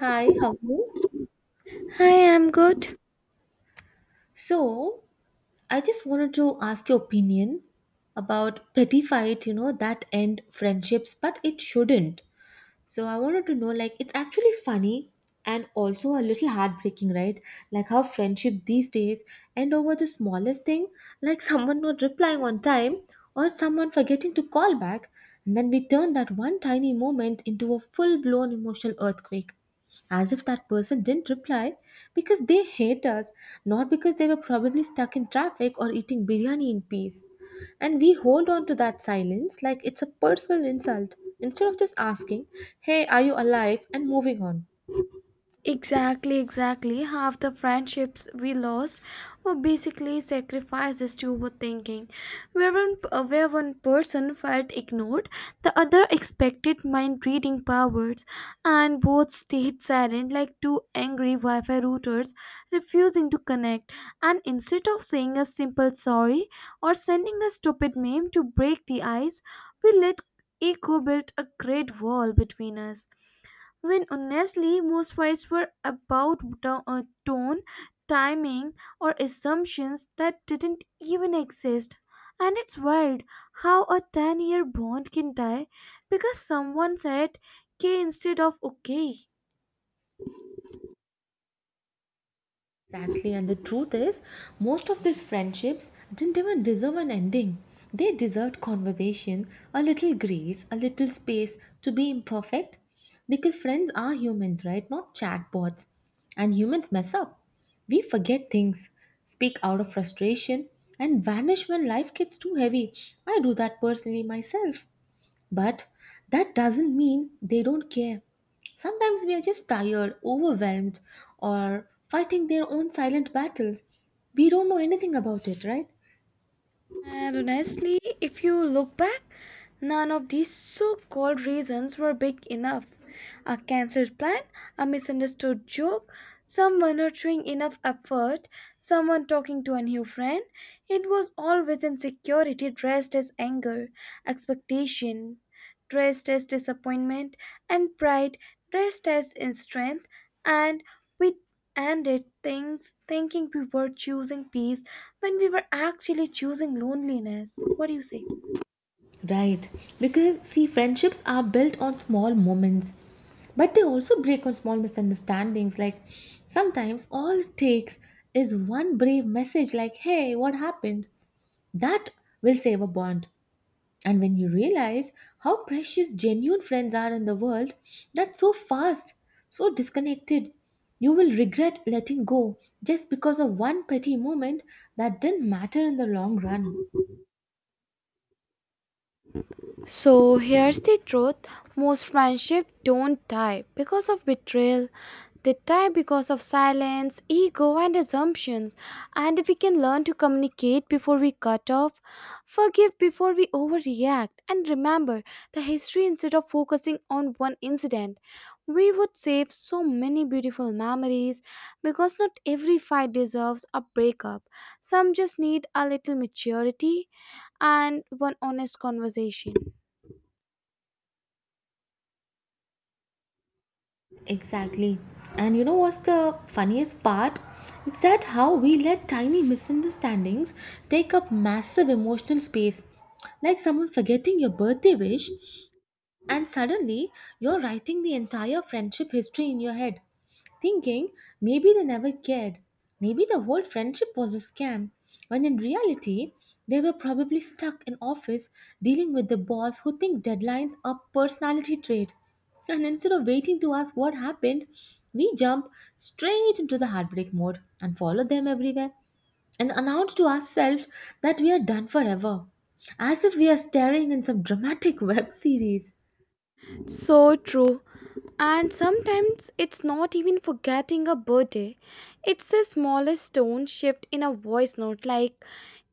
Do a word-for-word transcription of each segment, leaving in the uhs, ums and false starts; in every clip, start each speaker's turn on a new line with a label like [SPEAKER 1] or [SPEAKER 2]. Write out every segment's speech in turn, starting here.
[SPEAKER 1] Hi, how are you?
[SPEAKER 2] Hi, I'm good.
[SPEAKER 1] So, I just wanted to ask your opinion about petty fight, you know, that end friendships, but it shouldn't. So I wanted to know like it's actually funny and also a little heartbreaking, right? Like how friendship these days end over the smallest thing, like someone not replying on time or someone forgetting to call back, and then we turn that one tiny moment into a full-blown emotional earthquake as if that person didn't reply because they hate us, not because they were probably stuck in traffic or eating biryani in peace. And we hold on to that silence like it's a personal insult instead of just asking, hey, are you alive? And moving on.
[SPEAKER 2] Exactly, exactly. Half the friendships we lost were basically sacrifices to overthinking. Where one, uh, where one person felt ignored, the other expected mind reading powers, and both stayed silent like two angry Wi Fi routers refusing to connect. And instead of saying a simple sorry or sending a stupid meme to break the ice, we let ego build a great wall between us when honestly most fights were about to- uh, tone, timing, or assumptions that didn't even exist. And it's wild how a ten year bond can die because someone said K instead of okay.
[SPEAKER 1] Exactly. And the truth is, most of these friendships didn't even deserve an ending. They deserved conversation, a little grace, a little space to be imperfect. Because friends are humans, right? Not chatbots. And humans mess up. We forget things, speak out of frustration, and vanish when life gets too heavy. I do that personally myself. But that doesn't mean they don't care. Sometimes we are just tired, overwhelmed, or fighting their own silent battles. We don't know anything about it, right?
[SPEAKER 2] And honestly, if you look back, none of these so called reasons were big enough. A cancelled plan, a misunderstood joke, someone not showing enough effort, someone talking to a new friend. It was always insecurity dressed as anger, expectation, dressed as disappointment, and pride dressed as in strength, and we ended things thinking we were choosing peace when we were actually choosing loneliness. What do you say?
[SPEAKER 1] Right. Because, see, friendships are built on small moments, but they also break on small misunderstandings. Like, sometimes all it takes is one brave message, like, hey, what happened? That will save a bond. And when you realize how precious genuine friends are in the world that's so fast, so disconnected, you will regret letting go just because of one petty moment that didn't matter in the long run.
[SPEAKER 2] So here's the truth, most friendships don't die because of betrayal. They die because of silence, ego, and assumptions. And if we can learn to communicate before we cut off, forgive before we overreact, and remember the history instead of focusing on one incident, we would save so many beautiful memories because not every fight deserves a breakup. Some just need a little maturity and one honest conversation.
[SPEAKER 1] Exactly. And you know what's the funniest part? It's that how we let tiny misunderstandings take up massive emotional space. Like someone forgetting your birthday wish. And suddenly, you're writing the entire friendship history in your head, thinking maybe they never cared, maybe the whole friendship was a scam, when in reality, they were probably stuck in office dealing with the boss who think deadlines are personality trait. And instead of waiting to ask what happened, we jump straight into the heartbreak mode and follow them everywhere and announce to ourselves that we are done forever, as if we are staring in some dramatic web series.
[SPEAKER 2] So true. And sometimes it's not even forgetting a birthday. It's the smallest tone shift in a voice note, like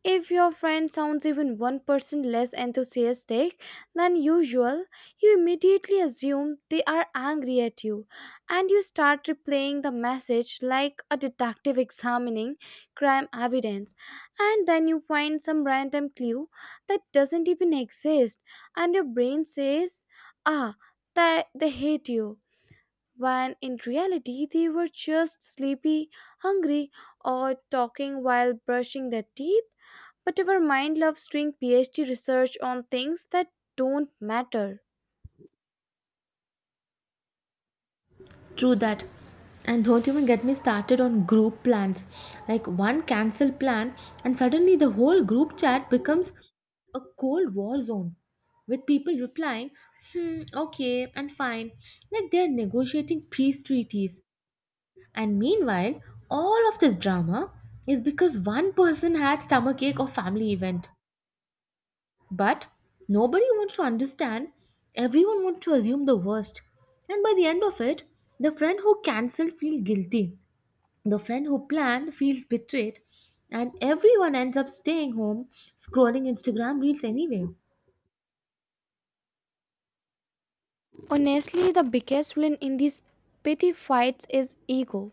[SPEAKER 2] if your friend sounds even one percent less enthusiastic than usual, you immediately assume they are angry at you and you start replaying the message like a detective examining crime evidence. And then you find some random clue that doesn't even exist, and your brain says, ah, that they hate you, when in reality they were just sleepy, hungry, or talking while brushing their teeth. But our mind loves doing PhD research on things that don't matter.
[SPEAKER 1] True that. And don't even get me started on group plans. Like one cancel plan, and suddenly the whole group chat becomes a cold war zone with people replying, hmm, okay, and fine, like they're negotiating peace treaties. And meanwhile, all of this drama is because one person had stomachache or family event. But nobody wants to understand, everyone wants to assume the worst. And by the end of it, the friend who cancelled feels guilty, the friend who planned feels betrayed, and everyone ends up staying home scrolling Instagram reels anyway.
[SPEAKER 2] Honestly, the biggest villain in these petty fights is ego.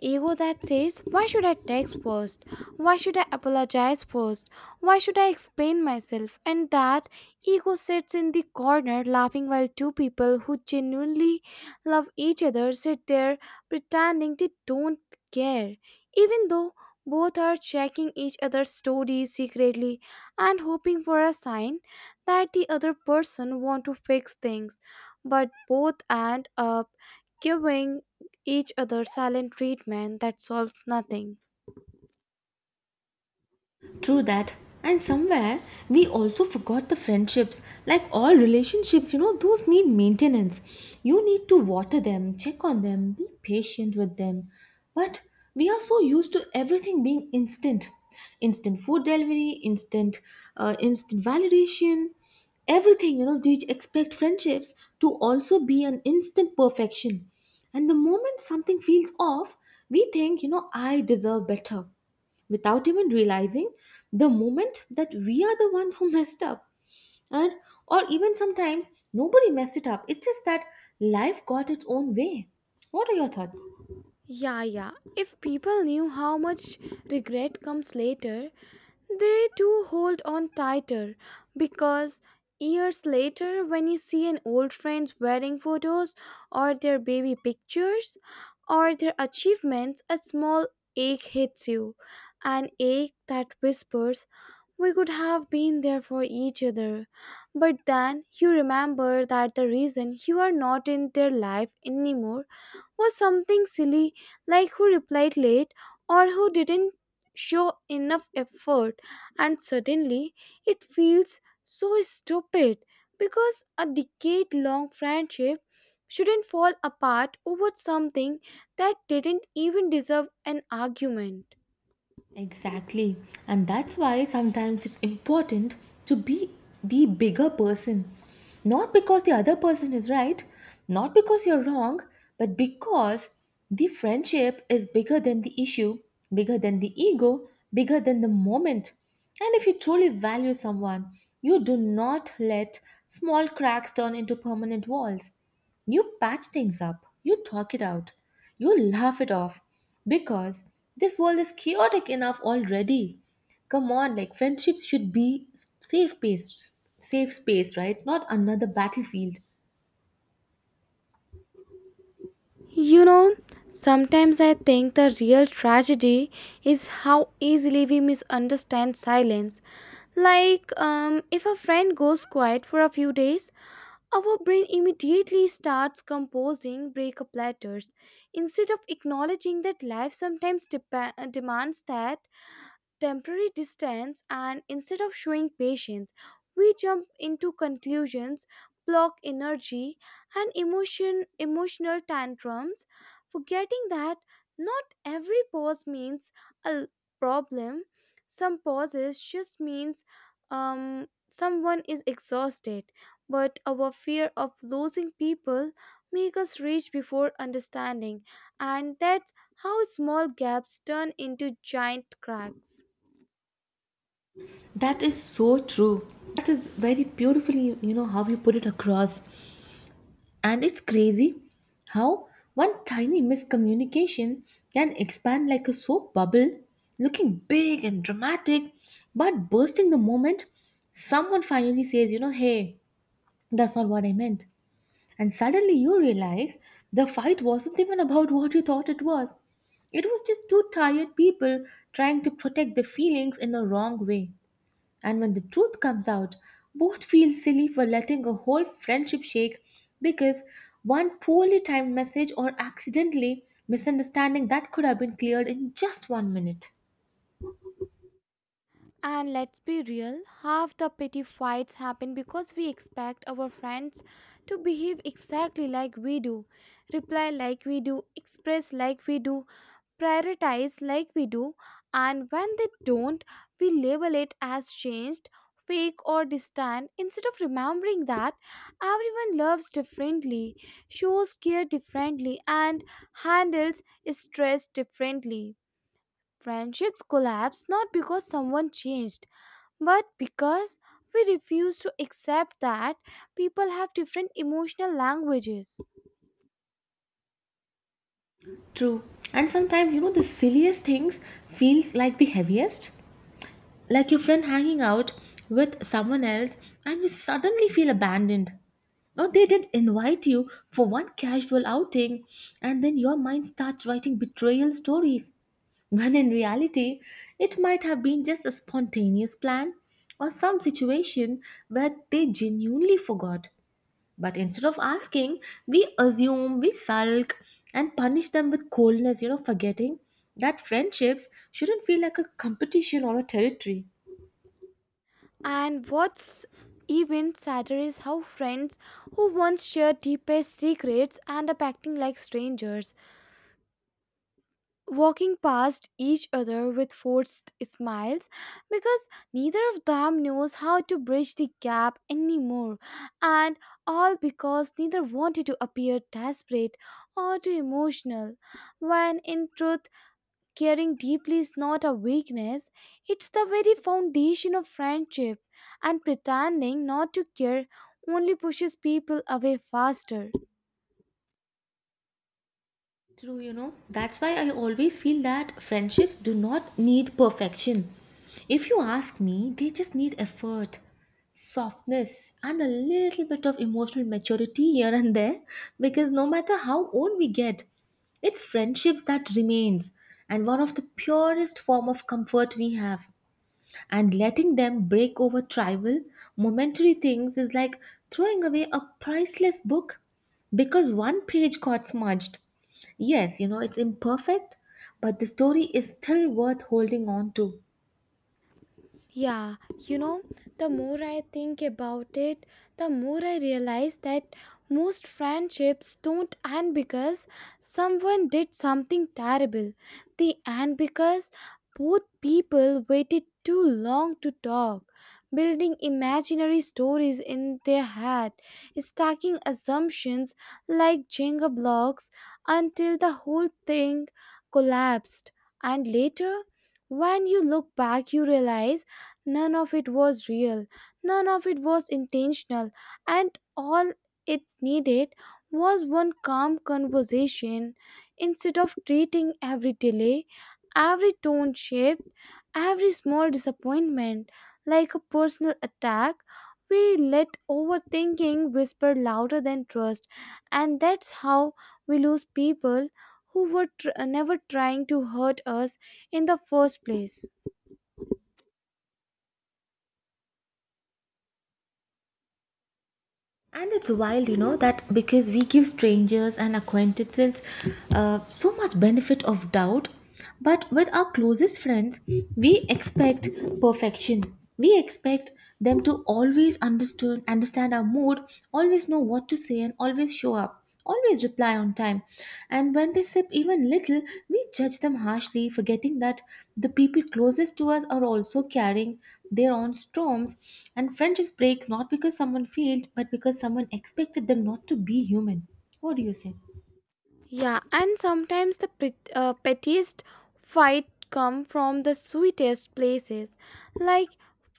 [SPEAKER 2] Ego that says, why should I text first? Why should I apologize first? Why should I explain myself? And that ego sits in the corner laughing while two people who genuinely love each other sit there pretending they don't care, even though both are checking each other's stories secretly and hoping for a sign that the other person want to fix things, but both end up giving each other silent treatment that solves nothing.
[SPEAKER 1] True that. And somewhere we also forgot the friendships. Like all relationships, you know, those need maintenance. You need to water them, check on them, be patient with them. But we are so used to everything being instant instant food delivery, instant, uh, instant validation, everything. You know, we expect friendships to also be an instant perfection. And the moment something feels off, we think, you know, I deserve better without even realizing the moment that we are the ones who messed up and or even sometimes nobody messed it up, it's just that life got its own way. What are your thoughts?
[SPEAKER 2] Yeah, yeah. If people knew how much regret comes later, they do hold on tighter, because years later, when you see an old friend's wedding photos or their baby pictures or their achievements, a small ache hits you. An ache that whispers, we could have been there for each other. But then you remember that the reason you are not in their life anymore was something silly, like who replied late or who didn't show enough effort, and suddenly it feels so stupid because a decade long friendship shouldn't fall apart over something that didn't even deserve an argument.
[SPEAKER 1] Exactly. And that's why sometimes it's important to be the bigger person. Not because the other person is right, not because you're wrong, but because the friendship is bigger than the issue, bigger than the ego, bigger than the moment. And if you truly value someone, you do not let small cracks turn into permanent walls. You patch things up, you talk it out, you laugh it off because this world is chaotic enough already. Come on, like friendships should be s- safe space, safe space, right? Not another battlefield.
[SPEAKER 2] You know, sometimes I think the real tragedy is how easily we misunderstand silence. Like, um, if a friend goes quiet for a few days, our brain immediately starts composing breakup letters instead of acknowledging that life sometimes depa- demands that temporary distance, and instead of showing patience we jump into conclusions, block energy and emotion emotional tantrums, forgetting that not every pause means a l- problem. Some pauses just means um, someone is exhausted, but our fear of losing people make us reach before understanding, and that's how small gaps turn into giant cracks.
[SPEAKER 1] That is so true. That is very beautifully, you know, how you put it across. And it's crazy how one tiny miscommunication can expand like a soap bubble, looking big and dramatic, but bursting the moment someone finally says, you know, hey, that's not what I meant. And suddenly you realize the fight wasn't even about what you thought it was. It was just two tired people trying to protect their feelings in a wrong way. And when the truth comes out, both feel silly for letting a whole friendship shake because one poorly timed message or accidentally misunderstanding that could have been cleared in just one minute.
[SPEAKER 2] And let's be real, half the petty fights happen because we expect our friends to behave exactly like we do, reply like we do, express like we do, prioritize like we do, and when they don't, we label it as changed, fake, or distant instead of remembering that everyone loves differently, shows care differently, and handles stress differently. Friendships collapse not because someone changed, but because we refuse to accept that people have different emotional languages.
[SPEAKER 1] True. And sometimes, you know, the silliest things feels like the heaviest. Like your friend hanging out with someone else and you suddenly feel abandoned. Now, they did invite you for one casual outing, and then your mind starts writing betrayal stories. When in reality, it might have been just a spontaneous plan or some situation where they genuinely forgot. But instead of asking, we assume, we sulk, and punish them with coldness, you know, forgetting that friendships shouldn't feel like a competition or a territory.
[SPEAKER 2] And what's even sadder is how friends who once shared deepest secrets end up acting like strangers, walking past each other with forced smiles because neither of them knows how to bridge the gap anymore, and all because neither wanted to appear desperate or too emotional, when in truth, caring deeply is not a weakness, it's the very foundation of friendship, and pretending not to care only pushes people away faster.
[SPEAKER 1] True, you know. That's why I always feel that friendships do not need perfection. If you ask me, they just need effort, softness, and a little bit of emotional maturity here and there because no matter how old we get, it's friendships that remains and one of the purest form of comfort we have and letting them break over trivial, momentary things is like throwing away a priceless book because one page got smudged. Yes, you know, it's imperfect, but the story is still worth holding on to.
[SPEAKER 2] Yeah, you know, the more I think about it, the more I realize that most friendships don't end because someone did something terrible. They end because both people waited too long to talk, building imaginary stories in their head, stacking assumptions like Jenga blocks until the whole thing collapsed. And later, when you look back, you realize none of it was real, none of it was intentional, and all it needed was one calm conversation. Instead of treating every delay, every tone shift, every small disappointment like a personal attack, we let overthinking whisper louder than trust, and that's how we lose people who were tr- never trying to hurt us in the first place.
[SPEAKER 1] And it's wild, you know, that because we give strangers and acquaintances uh, so much benefit of doubt, but with our closest friends, we expect perfection. We expect them to always understand, understand our mood, always know what to say, and always show up, always reply on time. And when they sip even little, we judge them harshly, forgetting that the people closest to us are also carrying their own storms. And friendships breaks not because someone failed but because someone expected them not to be human. What do you say?
[SPEAKER 2] Yeah, and sometimes the pret- uh, pettiest fight come from the sweetest places, like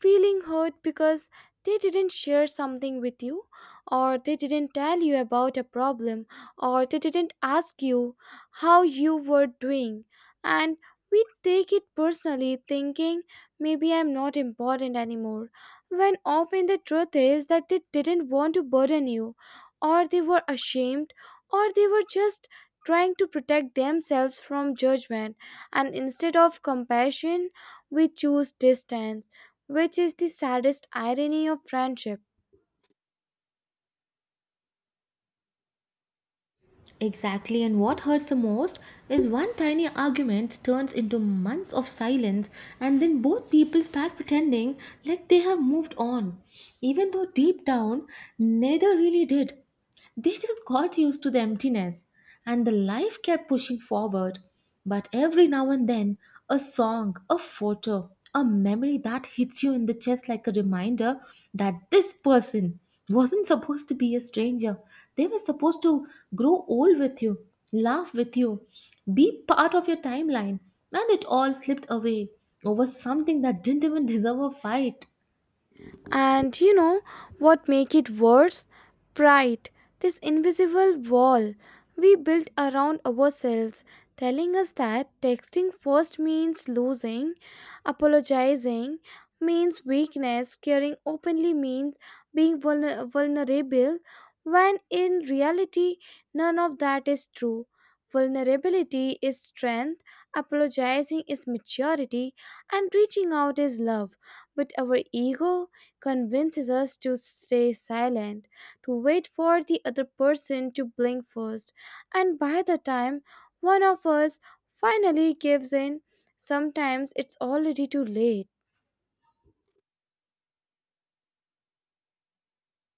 [SPEAKER 2] feeling hurt because they didn't share something with you, or they didn't tell you about a problem, or they didn't ask you how you were doing, and we take it personally, thinking maybe I'm not important anymore. When often the truth is that they didn't want to burden you, or they were ashamed, or they were just trying to protect themselves from judgment, and instead of compassion, we choose distance, which is the saddest irony of friendship.
[SPEAKER 1] Exactly, and what hurts the most is one tiny argument turns into months of silence, and then both people start pretending like they have moved on, even though deep down neither really did. They just got used to the emptiness, and the life kept pushing forward. But every now and then, a song, a photo, a memory that hits you in the chest like a reminder that this person wasn't supposed to be a stranger. They were supposed to grow old with you, laugh with you, be part of your timeline, and it all slipped away over something that didn't even deserve a fight.
[SPEAKER 2] And you know what make it worse? Pride, this invisible wall we built around ourselves telling us that texting first means losing, apologizing means weakness, caring openly means being vulner- vulnerable, when in reality none of that is true. Vulnerability is strength, apologizing is maturity, and reaching out is love. But our ego convinces us to stay silent, to wait for the other person to blink first, and by the time one of us finally gives in, sometimes it's already too late.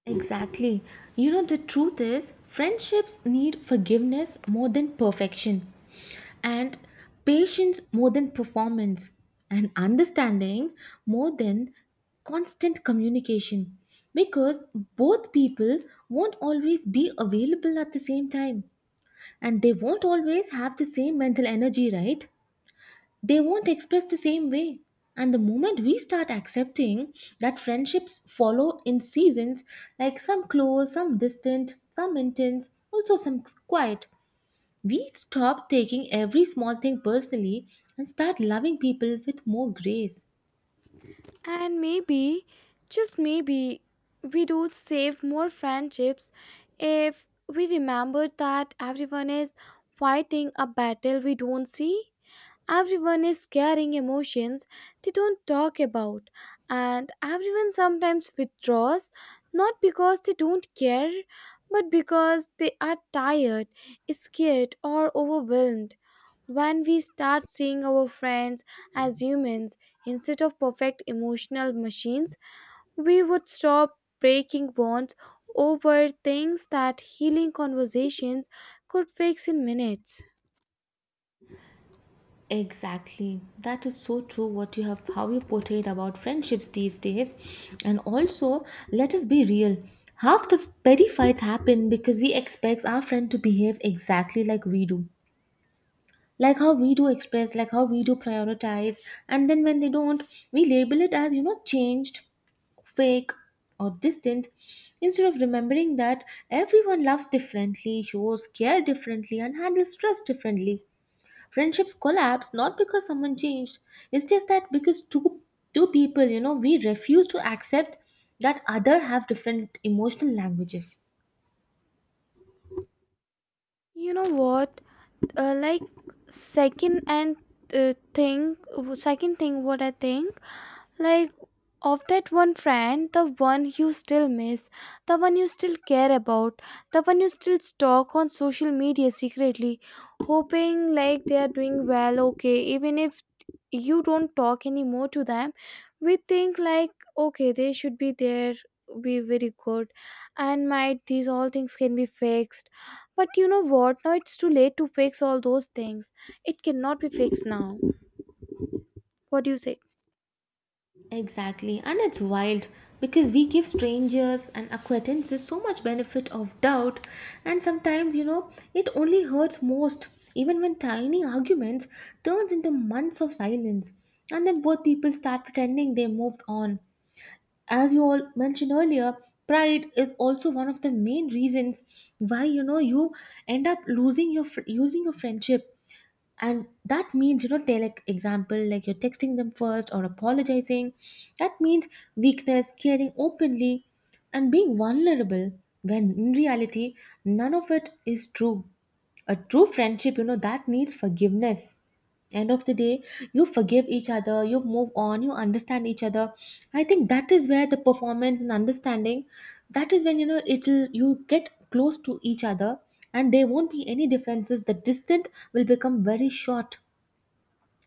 [SPEAKER 1] Exactly. You know, the truth is, friendships need forgiveness more than perfection, and patience more than performance, and understanding more than constant communication. Because both people won't always be available at the same time, and they won't always have the same mental energy, right? They won't express the same way. And the moment we start accepting that friendships follow in seasons, like some close, some distant, some intense, also some quiet, we stop taking every small thing personally and start loving people with more grace.
[SPEAKER 2] And maybe, just maybe, we do save more friendships if we remember that everyone is fighting a battle we don't see. Everyone is carrying emotions they don't talk about, and everyone sometimes withdraws not because they don't care, but because they are tired, scared, or overwhelmed. When we start seeing our friends as humans instead of perfect emotional machines, we would stop breaking bonds over things that healing conversations could fix in minutes.
[SPEAKER 1] Exactly. That is so true what you have how you portrayed about friendships these days. And also, let us be real. Half the petty fights happen because we expect our friend to behave exactly like we do. Like how we do, express like how we do, prioritize, and then when they don't, we label it as, you know, changed, fake, or distant instead of remembering that everyone loves differently, shows care differently, and handles stress differently. Friendships collapse not because someone changed, it's just that because two two people, you know, we refuse to accept that other have different emotional languages.
[SPEAKER 2] You know what? Uh, like second and uh, thing second thing what I think, like, of that one friend, the one you still miss, the one you still care about, the one you still stalk on social media secretly, hoping like they are doing well, okay, even if you don't talk anymore to them, we think like, okay, they should be there, be very good, and might these all things can be fixed, but you know what, now it's too late to fix all those things, it cannot be fixed now. What do you say?
[SPEAKER 1] Exactly, and it's wild because we give strangers and acquaintances so much benefit of doubt, and sometimes you know it only hurts most. Even when tiny arguments turns into months of silence, and then both people start pretending they moved on. As you all mentioned earlier, pride is also one of the main reasons why you know you end up losing your fr- using your friendship, and that means you know take like example like you're texting them first or apologizing. That means weakness, caring openly and being vulnerable, when in reality none of it is true. A true friendship you know that needs forgiveness. End of the day, you forgive each other, you move on, you understand each other. I think that is where the performance and understanding, that is when you know it'll you get close to each other, and there won't be any differences, the distance will become very short.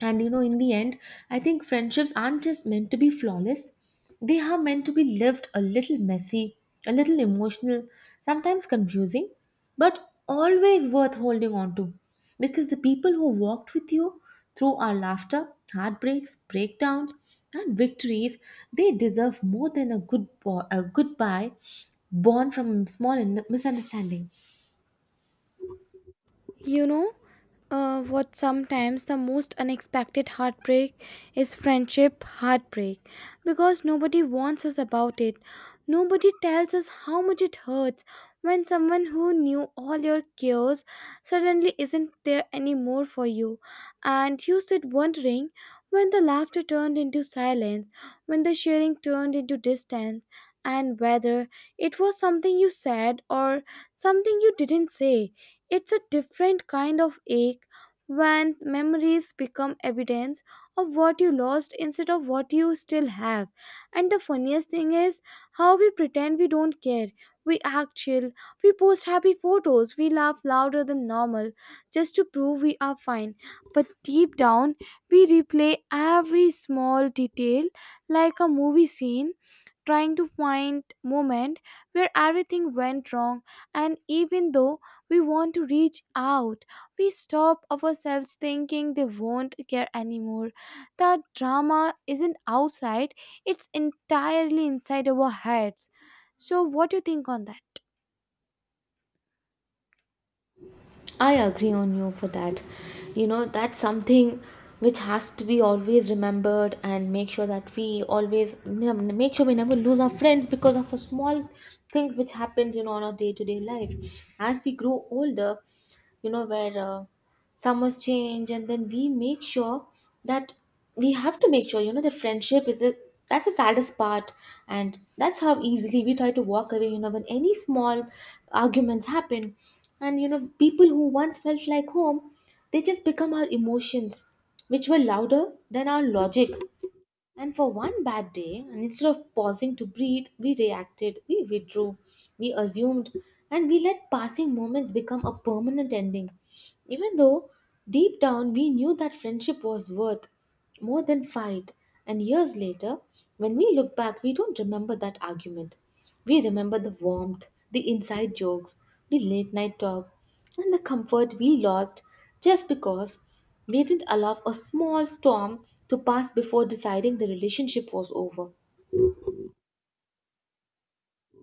[SPEAKER 1] And you know, in the end, I think friendships aren't just meant to be flawless, they are meant to be lived a little messy, a little emotional, sometimes confusing, but always worth holding on to. Because the people who walked with you through our laughter, heartbreaks, breakdowns, and victories, they deserve more than a good bo- a goodbye born from small in- misunderstanding.
[SPEAKER 2] You know, uh, what? Sometimes the most unexpected heartbreak is friendship heartbreak because nobody warns us about it. Nobody tells us how much it hurts when someone who knew all your cares suddenly isn't there anymore for you. And you sit wondering when the laughter turned into silence, when the sharing turned into distance, and whether it was something you said or something you didn't say. It's a different kind of ache when memories become evidence of what you lost instead of what you still have. And the funniest thing is how we pretend we don't care. We act chill, we post happy photos, we laugh louder than normal just to prove we are fine. But deep down, we replay every small detail like a movie scene, trying to find moment where everything went wrong, and even though we want to reach out, we stop ourselves thinking they won't care anymore. The drama isn't outside, it's entirely inside our heads. So what do you think on that?
[SPEAKER 1] I agree on you for that. You know, that's something which has to be always remembered, and make sure that we always ne- make sure we never lose our friends because of a small things which happens you know on our day-to-day life. As we grow older, you know, where uh, summers change, and then we make sure that we have to make sure you know that friendship is a, that's the saddest part. And that's how easily we try to walk away you know when any small arguments happen. And you know people who once felt like home, they just become our emotions which were louder than our logic, and for one bad day. And instead of pausing to breathe, we reacted, we withdrew, we assumed, and we let passing moments become a permanent ending. Even though deep down we knew that friendship was worth more than fight. And years later, when we look back, we don't remember that argument. We remember the warmth, the inside jokes, the late night talks, and the comfort we lost just because we didn't allow a small storm to pass before deciding the relationship was over.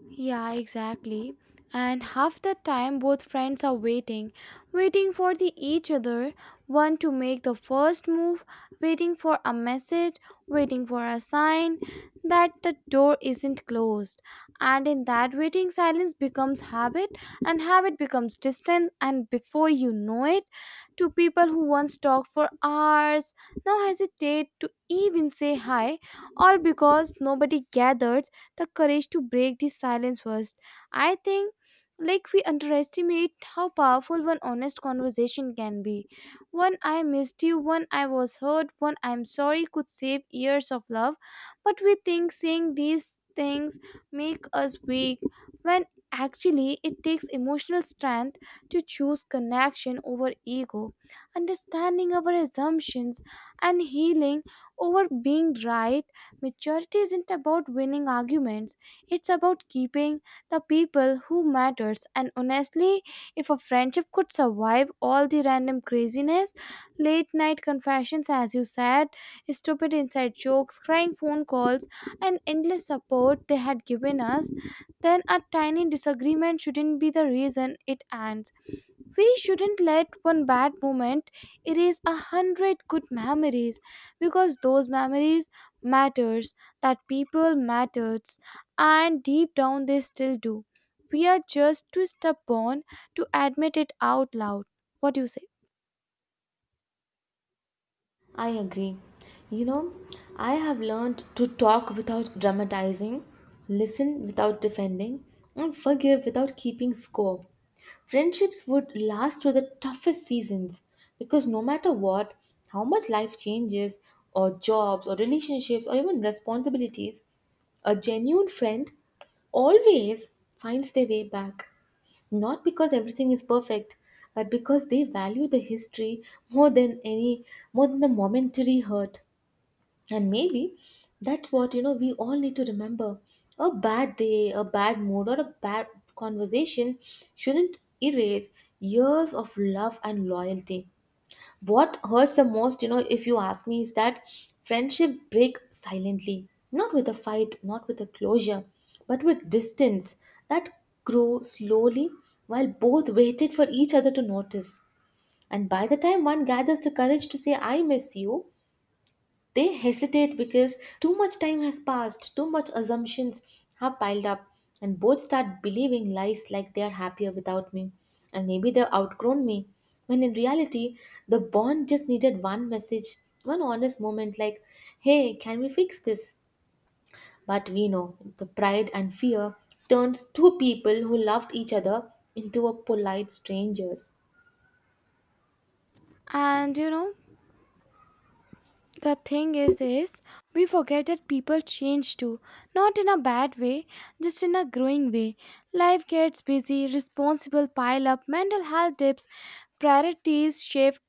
[SPEAKER 2] Yeah, exactly. And half the time, both friends are waiting, waiting for the each other, one to make the first move, waiting for a message, waiting for a sign that the door isn't closed. And in that waiting, silence becomes habit, and habit becomes distance. And before you know it, to people who once talked for hours now hesitate to even say hi, all because nobody gathered the courage to break the silence first. I think like we underestimate how powerful one honest conversation can be. One I missed you, one I was hurt, one I'm sorry could save years of love. But we think saying these things make us weak when actually it takes emotional strength to choose connection over ego, understanding our assumptions, and healing over being right. Maturity isn't about winning arguments, it's about keeping the people who matters. And honestly, if a friendship could survive all the random craziness, late night confessions, as you said, stupid inside jokes, crying phone calls, and endless support they had given us, then a tiny disagreement shouldn't be the reason it ends. We shouldn't let one bad moment erase a hundred good memories, because those memories matters, that people matters, and deep down they still do. We are just too stubborn to admit it out loud. What do you say?
[SPEAKER 1] I agree. You know, I have learned to talk without dramatizing, listen without defending, and forgive without keeping score. Friendships would last through the toughest seasons because no matter what, how much life changes, or jobs, or relationships, or even responsibilities, a genuine friend always finds their way back. Not because everything is perfect, but because they value the history more than any, more than the momentary hurt. And maybe that's what you know we all need to remember. A bad day, a bad mood, or a bad conversation shouldn't erase years of love and loyalty. What hurts the most you know if you ask me is that friendships break silently, not with a fight, not with a closure, but with distance that grow slowly while both waited for each other to notice. And by the time one gathers the courage to say I miss you, they hesitate because too much time has passed, too much assumptions have piled up, and both start believing lies like they are happier without me, and maybe they've outgrown me. When in reality, the bond just needed one message, one honest moment like, hey, can we fix this? But we know the pride and fear turns two people who loved each other into a polite strangers.
[SPEAKER 2] And you know, the thing is this, we forget that people change too. Not in a bad way, just in a growing way. Life gets busy, responsible pile up, mental health dips, priorities shift.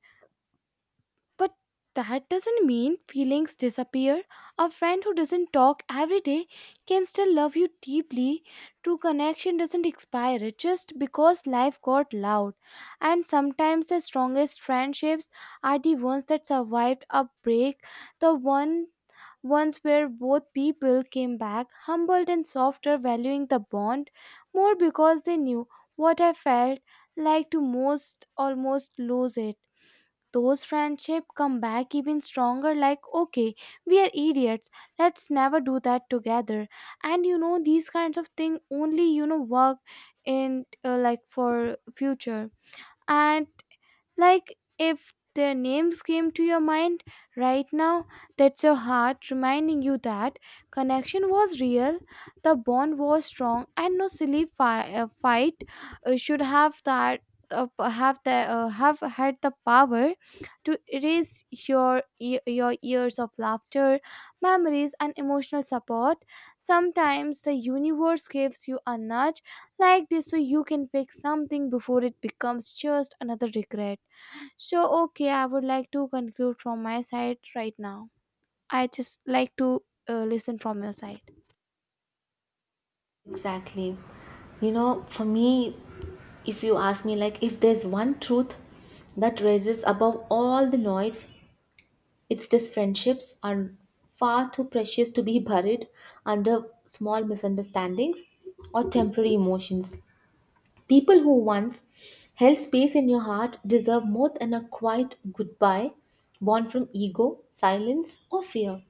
[SPEAKER 2] But that doesn't mean feelings disappear. A friend who doesn't talk every day can still love you deeply. True connection doesn't expire, it's just because life got loud. And sometimes the strongest friendships are the ones that survived a break, the one ones where both people came back humbled and softer, valuing the bond more because they knew what I felt like to most almost lose it. Those friendship come back even stronger, like okay, we are idiots, let's never do that together. And you know these kinds of thing only you know work in, uh, like, for future, and like if their names came to your mind right now, that's your heart reminding you that connection was real, the bond was strong, and no silly fi- uh, fight uh, should have that uh, have the uh, have had the power to erase your e- your years of laughter, memories and emotional support. Sometimes the universe gives you a nudge like this so you can fix something before it becomes just another regret. So, okay, I would like to conclude from my side right now. I just like to uh, listen from your side.
[SPEAKER 1] Exactly. You know, for me, if you ask me, like, if there's one truth that rises above all the noise, it's this: friendships are far too precious to be buried under small misunderstandings or temporary emotions. People who once held space in your heart deserve more than a quiet goodbye born from ego, silence, or fear.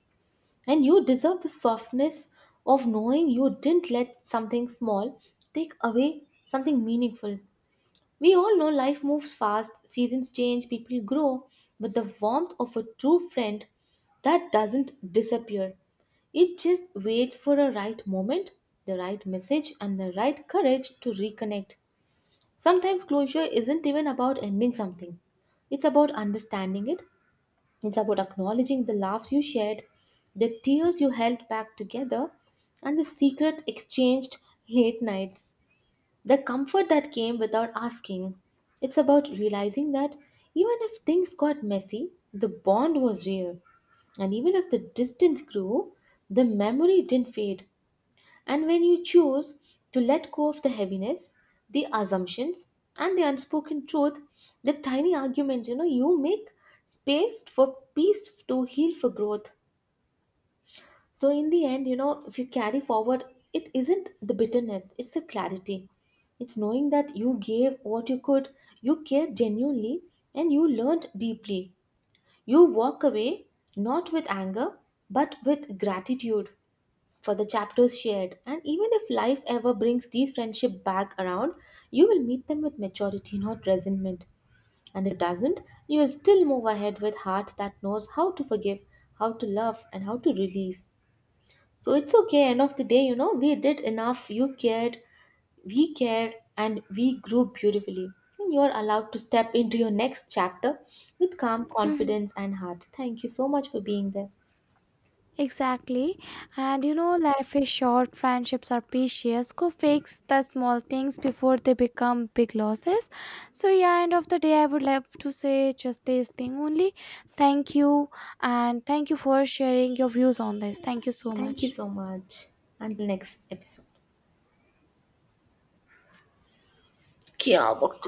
[SPEAKER 1] And you deserve the softness of knowing you didn't let something small take away something meaningful. We all know life moves fast, seasons change, people grow, but the warmth of a true friend, that doesn't disappear. It just waits for a right moment, the right message, and the right courage to reconnect. Sometimes closure isn't even about ending something, it's about understanding it. It's about acknowledging the laughs you shared, the tears you held back together, and the secret exchanged late nights, the comfort that came without asking. It's about realizing that even if things got messy, the bond was real. And even if the distance grew, the memory didn't fade. And when you choose to let go of the heaviness, the assumptions, and the unspoken truth, the tiny arguments, you know, you make space for peace, to heal, for growth. So, in the end, you know, if you carry forward, it isn't the bitterness, it's the clarity. It's knowing that you gave what you could, you cared genuinely, and you learned deeply. You walk away not with anger, but with gratitude for the chapters shared. And even if life ever brings these friendship back around, you will meet them with maturity, not resentment. And if it doesn't, you will still move ahead with heart that knows how to forgive, how to love, and how to release. So it's okay. End of the day, you know, we did enough. You cared, we cared, and we grew beautifully. And you're allowed to step into your next chapter with calm
[SPEAKER 2] Mhm.
[SPEAKER 1] confidence and heart. Thank you so much for being there.
[SPEAKER 2] Exactly. And you know, life is short, friendships are precious. Go fix the small things before they become big losses. So, yeah, end of the day, I would love to say just this thing only. Thank you, and thank you for sharing your views on this. Thank you so
[SPEAKER 1] Thank you
[SPEAKER 2] much.
[SPEAKER 1] so much. Until next episode. क्या वक्त